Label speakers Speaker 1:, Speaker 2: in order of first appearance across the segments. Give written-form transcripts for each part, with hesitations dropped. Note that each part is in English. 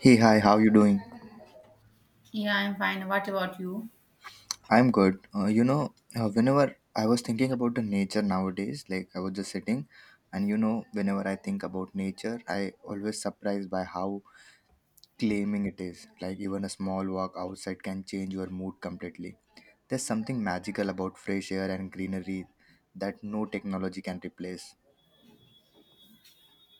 Speaker 1: Hey, hi, how you doing?
Speaker 2: Yeah, I'm fine. What about you?
Speaker 1: I'm good. Whenever I was thinking about the nature nowadays, like I was just sitting, and whenever I think about nature, I always surprised by how claiming it is. Like even a small walk outside can change your mood completely. There's something magical about fresh air and greenery that no technology can replace.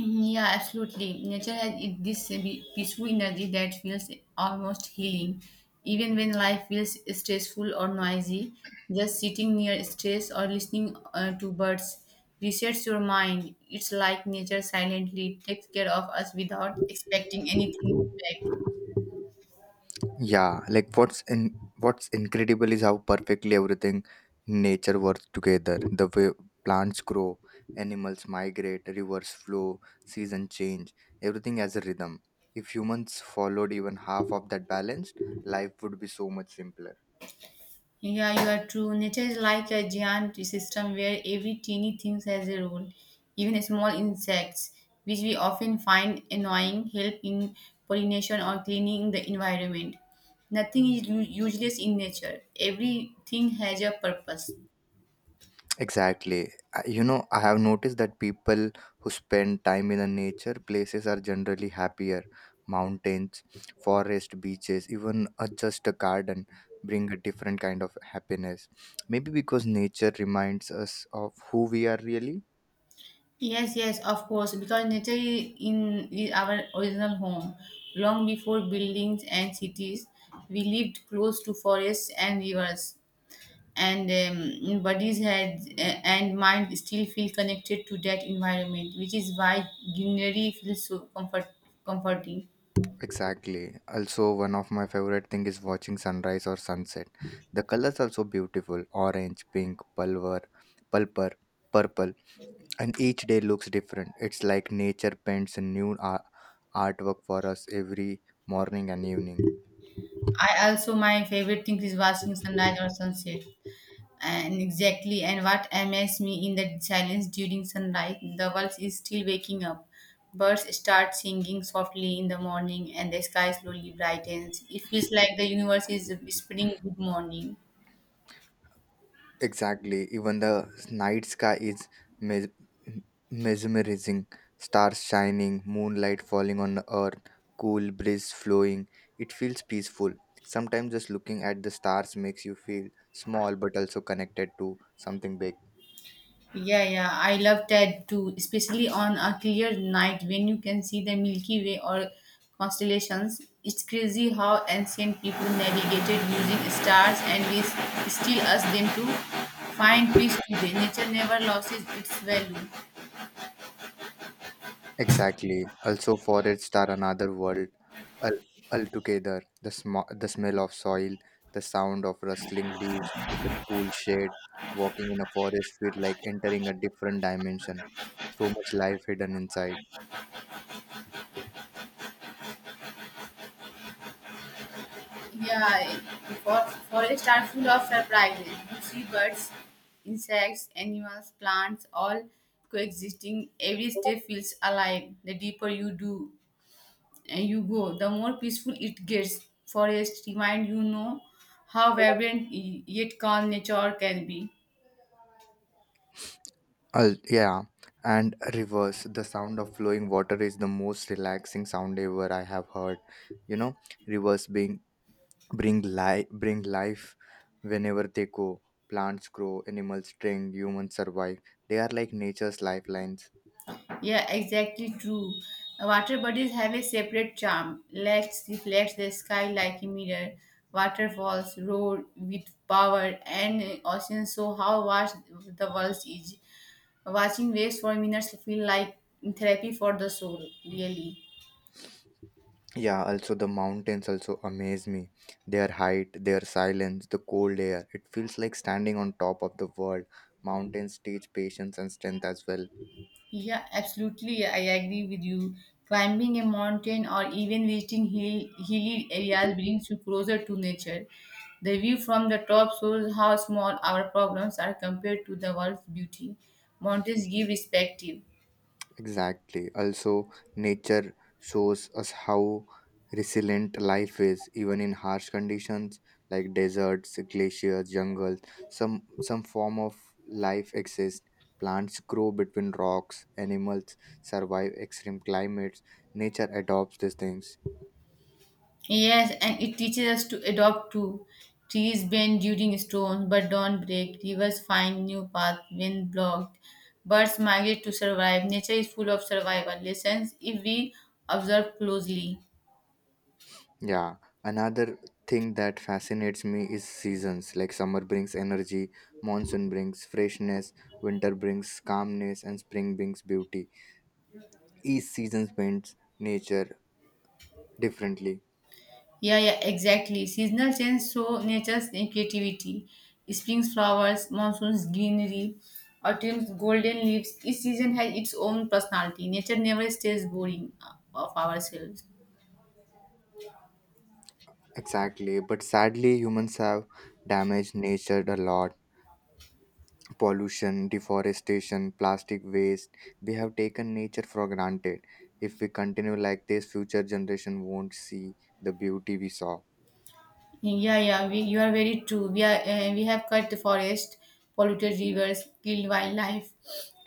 Speaker 2: Mhm, yeah, absolutely. Nature has this peaceful energy that feels almost healing. Even when life feels stressful or noisy, just sitting near stress or listening to birds resets your mind. It's like nature silently takes care of us without expecting anything back.
Speaker 1: Yeah, like what's incredible is how perfectly everything in nature works together. The way plants grow, animals migrate, rivers flow, seasons change, everything has a rhythm. If humans followed even half of that balance, life would be so much simpler.
Speaker 2: Yeah, you are true. Nature is like a giant system where every teeny thing has a role. Even small insects, which we often find annoying, help in pollination or cleaning the environment. Nothing is useless in nature. Everything has a purpose.
Speaker 1: Exactly. I have noticed that people who spend time in the nature places are generally happier. Mountains, forest, beaches, even just a garden bring a different kind of happiness. Maybe because nature reminds us of who we are really.
Speaker 2: Yes, yes, of course, because nature in is our original home. Long before buildings and cities, we lived close to forests and rivers. And bodies had and mind still feel connected to that environment, which is why greenery feels so comforting.
Speaker 1: Exactly. Also, one of my favorite thing is watching sunrise or sunset. The colors are so beautiful: orange, pink, pulver, pulper, purple, and each day looks different. It's like nature paints a new artwork for us every morning and evening.
Speaker 2: I also my favorite thing is watching sunrise or sunset. And exactly, and what amazes me in the silence during sunlight, the world is still waking up. Birds start singing softly in the morning, and the sky slowly brightens. It feels like the universe is whispering good morning.
Speaker 1: Exactly. Even the night sky is mes- mesmerizing. Stars shining, moonlight falling on the earth, cool breeze flowing. It feels peaceful. Sometimes just looking at the stars makes you feel small but also connected to something big.
Speaker 2: Yeah, yeah, I love that too, especially on a clear night when you can see the Milky Way or constellations. It's crazy how ancient people navigated using stars, and we still ask them to find peace today. Nature never loses its value.
Speaker 1: Exactly. Also, forests are another world. Al- Altogether, the smell of soil, the sound of rustling leaves, the cool shade, walking in a forest feel like entering a different dimension. So much life hidden inside.
Speaker 2: Yeah, for forests are full of surprises. You see birds, insects, animals, plants, all coexisting. Every step feels alive. The deeper you do and you go, the more peaceful it gets. Forest remind how vibrant yet calm nature can be.
Speaker 1: Yeah, and rivers, the sound of flowing water is the most relaxing sound ever I have heard. You know, rivers being bring life, whenever they go. Plants grow, animals drink, humans survive. They are like nature's lifelines.
Speaker 2: Yeah, exactly true. Water bodies have a separate charm. Lakes reflect the sky like a mirror. Waterfalls roar with power, and oceans show how vast the world is. Watching waves for minutes feel like therapy for the soul. Really.
Speaker 1: Yeah, also the mountains also amaze me. Their height, their silence, the cold air. It feels like standing on top of the world. Mountains teach patience and strength as well.
Speaker 2: Yeah, absolutely. I agree with you. Climbing a mountain or even visiting hilly areas brings you closer to nature. The view from the top shows how small our problems are compared to the world's beauty. Mountains give perspective.
Speaker 1: Exactly. Also, nature shows us how resilient life is, even in harsh conditions like deserts, glaciers, jungles. Some form of life exists. Plants grow between rocks. Animals survive extreme climates. Nature adopts these things.
Speaker 2: Yes, and it teaches us to adopt too. Trees bend during storms but don't break. Rivers find new paths when blocked. Birds migrate to survive. Nature is full of survival lessons if we observe closely.
Speaker 1: Yeah, another thing that fascinates me is seasons. Like summer brings energy, monsoon brings freshness, winter brings calmness, and spring brings beauty. Each season paints nature differently.
Speaker 2: Yeah, yeah, exactly. Seasonal change show nature's creativity. Spring's flowers, monsoon's greenery, autumn's golden leaves. Each season has its own personality. Nature never stays boring of ourselves.
Speaker 1: Exactly, but sadly, humans have damaged nature a lot. Pollution, deforestation, plastic waste. We have taken nature for granted. If we continue like this, future generation won't see the beauty we saw.
Speaker 2: Yeah, yeah, you are very true. We have cut the forest, polluted rivers, killed wildlife,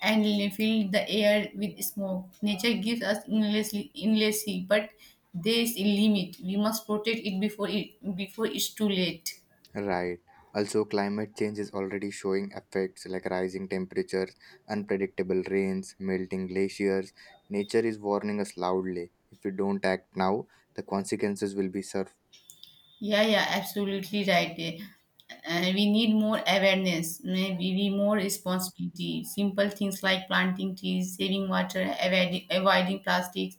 Speaker 2: and filled the air with smoke. Nature gives us endlessly, but there is a limit. We must protect it before it's too late.
Speaker 1: Right. Also, climate change is already showing effects like rising temperatures, unpredictable rains, melting glaciers. Nature is warning us loudly. If we don't act now, the consequences will be served.
Speaker 2: Yeah, yeah, absolutely right. We need more awareness, maybe we more responsibility. Simple things like planting trees, saving water, avoiding plastics,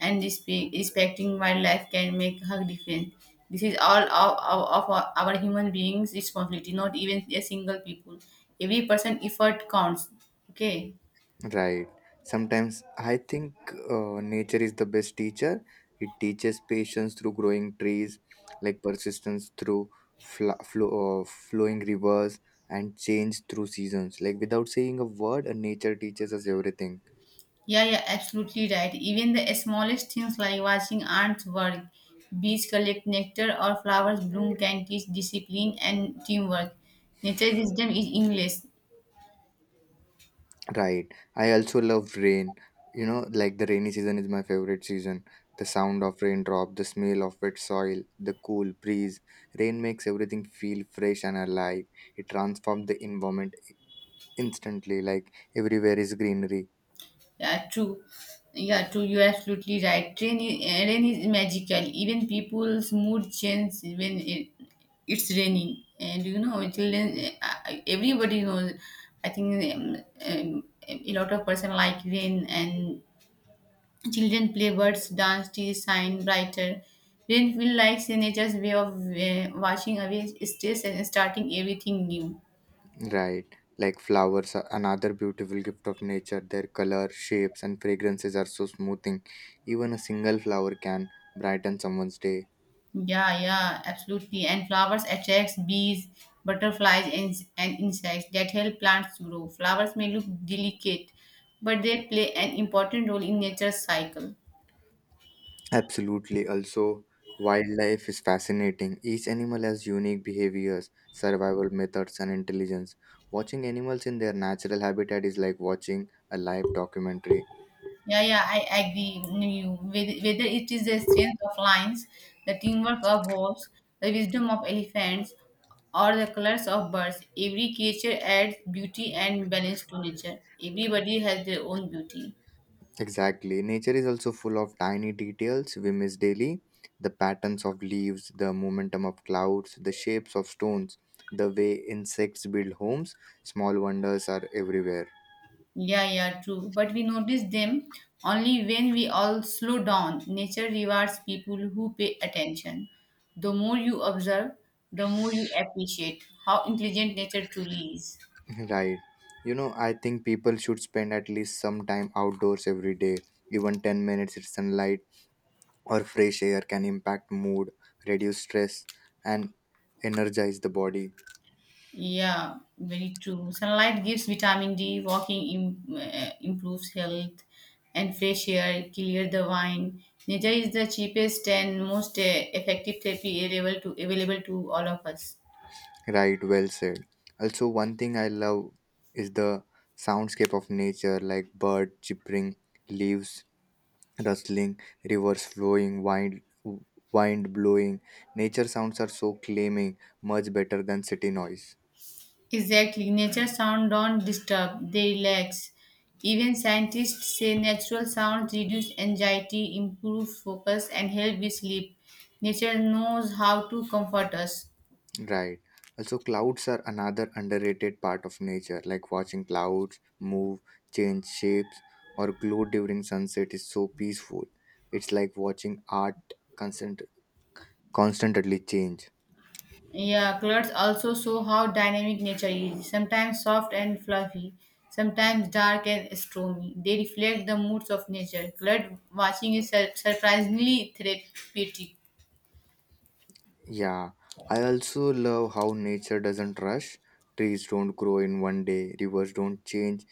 Speaker 2: and respecting wildlife can make a difference. This is all of our human beings' responsibility, not even a single people. Every person effort counts. Okay.
Speaker 1: Right. Sometimes I think nature is the best teacher. It teaches patience through growing trees, like persistence through flowing rivers, and change through seasons. Like without saying a word, nature teaches us everything.
Speaker 2: Yeah, yeah, absolutely right. Even the smallest things like watching ants work, bees collect nectar, or flowers bloom can teach discipline and teamwork. Nature wisdom is endless.
Speaker 1: Right. I also love rain. You know, like the rainy season is my favorite season. The sound of raindrop, the smell of wet soil, the cool breeze. Rain makes everything feel fresh and alive. It transforms the environment instantly. Like everywhere is greenery.
Speaker 2: Yeah, true. Yeah, true. You're absolutely right. Rain is magical. Even people's mood changes when it's raining. And children, everybody knows. I think a lot of person like rain and children play birds, dance, tease, shine brighter. Rain feels like nature's way of washing away stress and starting everything new.
Speaker 1: Right. Like flowers are another beautiful gift of nature. Their color, shapes, and fragrances are so smoothing. Even a single flower can brighten someone's day.
Speaker 2: Yeah, yeah, absolutely. And flowers attracts bees, butterflies, and insects that help plants grow. Flowers may look delicate, but they play an important role in nature's cycle.
Speaker 1: Absolutely. Also, wildlife is fascinating. Each animal has unique behaviors, survival methods, and intelligence. Watching animals in their natural habitat is like watching a live documentary.
Speaker 2: Yeah, yeah, I agree with you, whether it is the strength of lions, the teamwork of wolves, the wisdom of elephants, or the colors of birds, every creature adds beauty and balance to nature. Everybody has their own beauty.
Speaker 1: Exactly. Nature is also full of tiny details we miss daily. The patterns of leaves, the momentum of clouds, the shapes of stones, the way insects build homes, small wonders are everywhere.
Speaker 2: Yeah, yeah, true. But we notice them only when we all slow down. Nature rewards people who pay attention. The more you observe, the more you appreciate how intelligent nature truly is.
Speaker 1: Right. You know, I think people should spend at least some time outdoors every day. Even 10 minutes in sunlight or fresh air can impact mood, reduce stress, and energize the body.
Speaker 2: Yeah, very true. Sunlight gives vitamin D, walking im improves health, and fresh air clear the mind. Nature is the cheapest and most effective therapy available to all of us.
Speaker 1: Right, well said. Also, one thing I love is the soundscape of nature like bird chirping, leaves rustling, rivers flowing, wind blowing. Nature sounds are so claiming, much better than city noise.
Speaker 2: Exactly. Nature sound don't disturb, they relax. Even scientists say natural sounds reduce anxiety, improve focus, and help with sleep. Nature knows how to comfort us.
Speaker 1: Right. Also, clouds are another underrated part of nature. Like watching clouds move, change shapes, or glow during sunset is so peaceful. It's like watching art constant constantly change.
Speaker 2: Yeah, clothes also show how dynamic nature is, sometimes soft and fluffy, sometimes dark and stormy. They reflect the moods of nature. Cloud watching is surprisingly therapeutic.
Speaker 1: Yeah. I also love how nature doesn't rush. Trees don't grow in one day, rivers don't change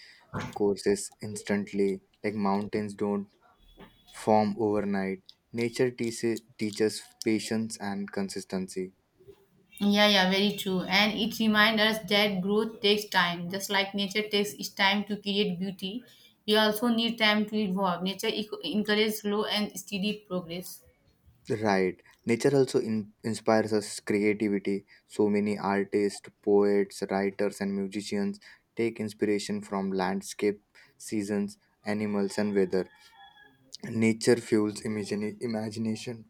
Speaker 1: courses instantly, like mountains don't form overnight. Nature teaches patience and consistency.
Speaker 2: Yeah, yeah, very true. And it reminds us that growth takes time. Just like nature takes its time to create beauty, we also need time to evolve. Nature encourages slow and steady progress.
Speaker 1: Right. Nature also inspires us creativity. So many artists, poets, writers, and musicians take inspiration from landscape, seasons, animals, and weather. Nature fuels imagination.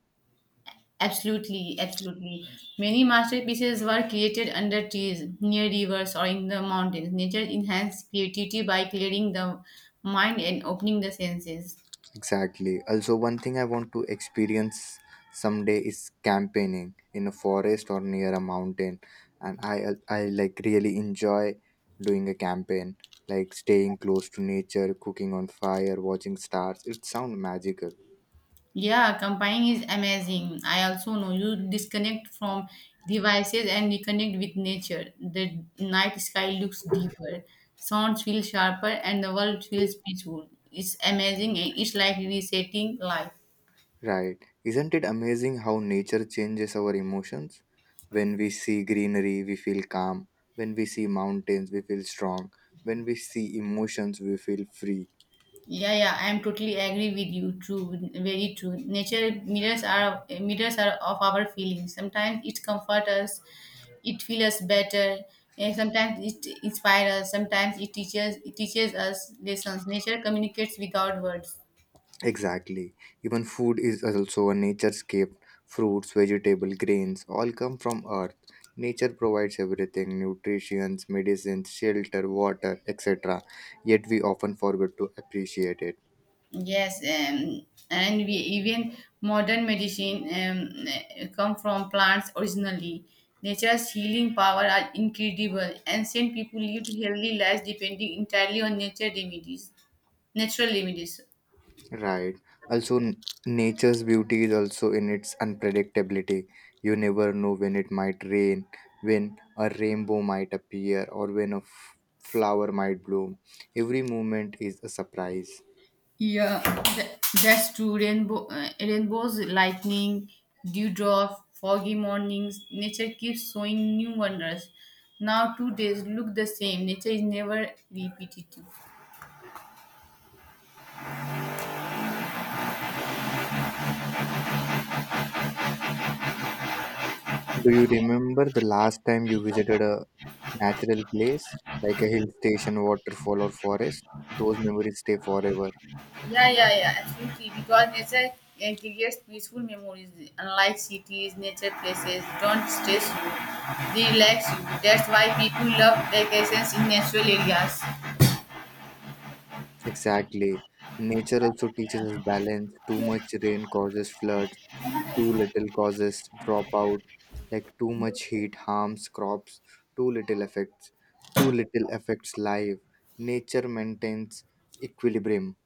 Speaker 2: Absolutely, absolutely. Many masterpieces were created under trees, near rivers, or in the mountains. Nature enhanced creativity by clearing the mind and opening the senses.
Speaker 1: Exactly. Also, one thing I want to experience someday is campaigning in a forest or near a mountain, and I like really enjoy doing a campaign, like staying close to nature, cooking on fire, watching stars. It sounds magical,
Speaker 2: Yeah, combining is amazing. I also know you disconnect from devices and reconnect with nature. The night sky looks deeper, sounds feel sharper, and the world feels peaceful. It's amazing, and it's like resetting life.
Speaker 1: right? Isn't it amazing how nature changes our emotions? When we see greenery, we feel calm. When we see mountains, we feel strong. When we see emotions, we feel free.
Speaker 2: Yeah, yeah, I am totally agree with you. True, very true. Nature mirrors are of our feelings. Sometimes it comforts us, it feels us better. And sometimes it inspires us. Sometimes it teaches us lessons. Nature communicates without words.
Speaker 1: Exactly. Even food is also a nature's gift. Fruits, vegetables, grains all come from earth. Nature provides everything nutrition, medicines, shelter, water, etc. Yet we often forget to appreciate it.
Speaker 2: Yes, and we even modern medicine come from plants originally. Nature's healing power are incredible. Ancient people lived healthy lives depending entirely on nature remedies, natural remedies.
Speaker 1: Right. Also, nature's beauty is also in its unpredictability. You never know when it might rain, when a rainbow might appear, or when a flower might bloom. Every moment is a surprise.
Speaker 2: Yeah, that's true. Rainbows, lightning, dewdrop, foggy mornings. Nature keeps showing new wonders. Now two days look the same. Nature is never repetitive.
Speaker 1: Do you remember the last time you visited a natural place, like a hill station, waterfall, or forest? Those memories stay forever.
Speaker 2: Yeah, yeah, yeah, absolutely. Because nature creates peaceful memories. Unlike cities, nature places don't stress you, they relax you. That's why people love vacations in natural areas.
Speaker 1: Exactly. Nature also teaches us balance. Too much rain causes floods, too little causes dropout, like too much heat harms crops, too little affects, too little affects life. Nature maintains equilibrium.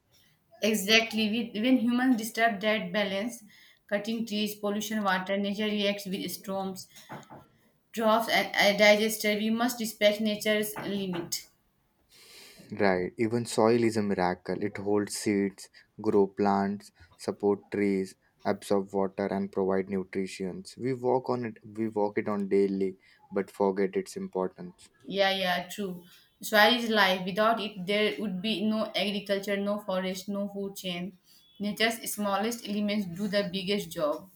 Speaker 2: Exactly. When humans disturb that balance, cutting trees, pollution, water, nature reacts with storms, droughts, and disaster. We must respect nature's limit.
Speaker 1: Right, even soil is a miracle. It holds seeds, grow plants, support trees, absorb water and provide nutrition. We walk it on daily but forget its importance.
Speaker 2: Yeah, yeah, true. Soil is life. Without it, there would be no agriculture, no forest, no food chain. Nature's smallest elements do the biggest job.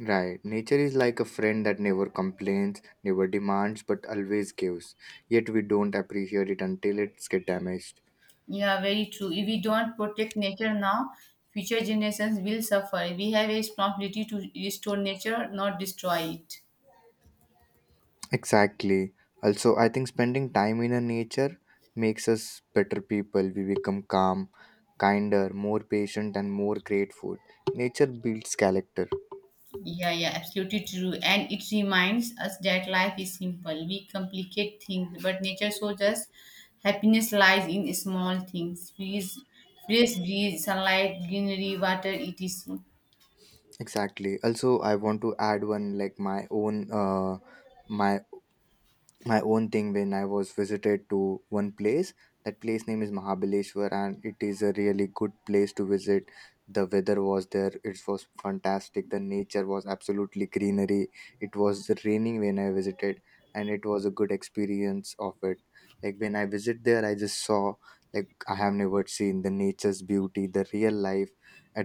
Speaker 1: Right. Nature is like a friend that never complains, never demands but always gives. Yet we don't appreciate it until it's get damaged.
Speaker 2: Yeah, very true. If we don't protect nature now, future generations will suffer. We have a responsibility to restore nature, not destroy it.
Speaker 1: Exactly. Also, I think spending time in a nature makes us better people. We become calm, kinder, more patient, and more grateful. Nature builds character.
Speaker 2: Yeah, yeah, absolutely true. And it reminds us that life is simple. We complicate things, but nature shows us happiness lies in small things. Fresh breeze, sunlight, greenery, water, it is.
Speaker 1: Exactly. Also, I want to add one like my own my my own thing when I was visited to one place. That place name is Mahabaleshwar, and it is a really good place to visit. The weather was there; it was fantastic. The nature was absolutely greenery. It was raining when I visited, and it was a good experience of it. Like when I visit there, I just saw like I have never seen the nature's beauty, the real life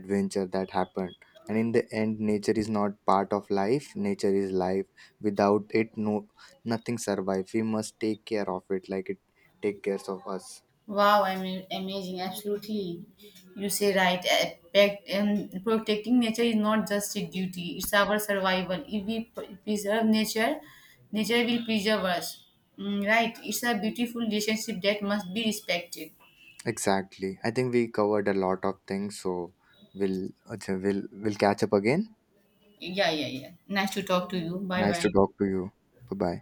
Speaker 1: adventure that happened. And in the end, nature is not part of life. Nature is life. Without it, no nothing survive. We must take care of it like it take care of us.
Speaker 2: Wow, I mean, amazing. Absolutely. You say right. Protecting nature is not just a duty, it's our survival. If we preserve nature, nature will preserve us. Mm, right. It's a beautiful relationship that must be respected.
Speaker 1: Exactly, I think we covered a lot of things, so we'll okay, we'll catch up again.
Speaker 2: Yeah, yeah, yeah. Nice to talk to you. Bye
Speaker 1: Nice to
Speaker 2: bye.
Speaker 1: talk to you. Bye bye.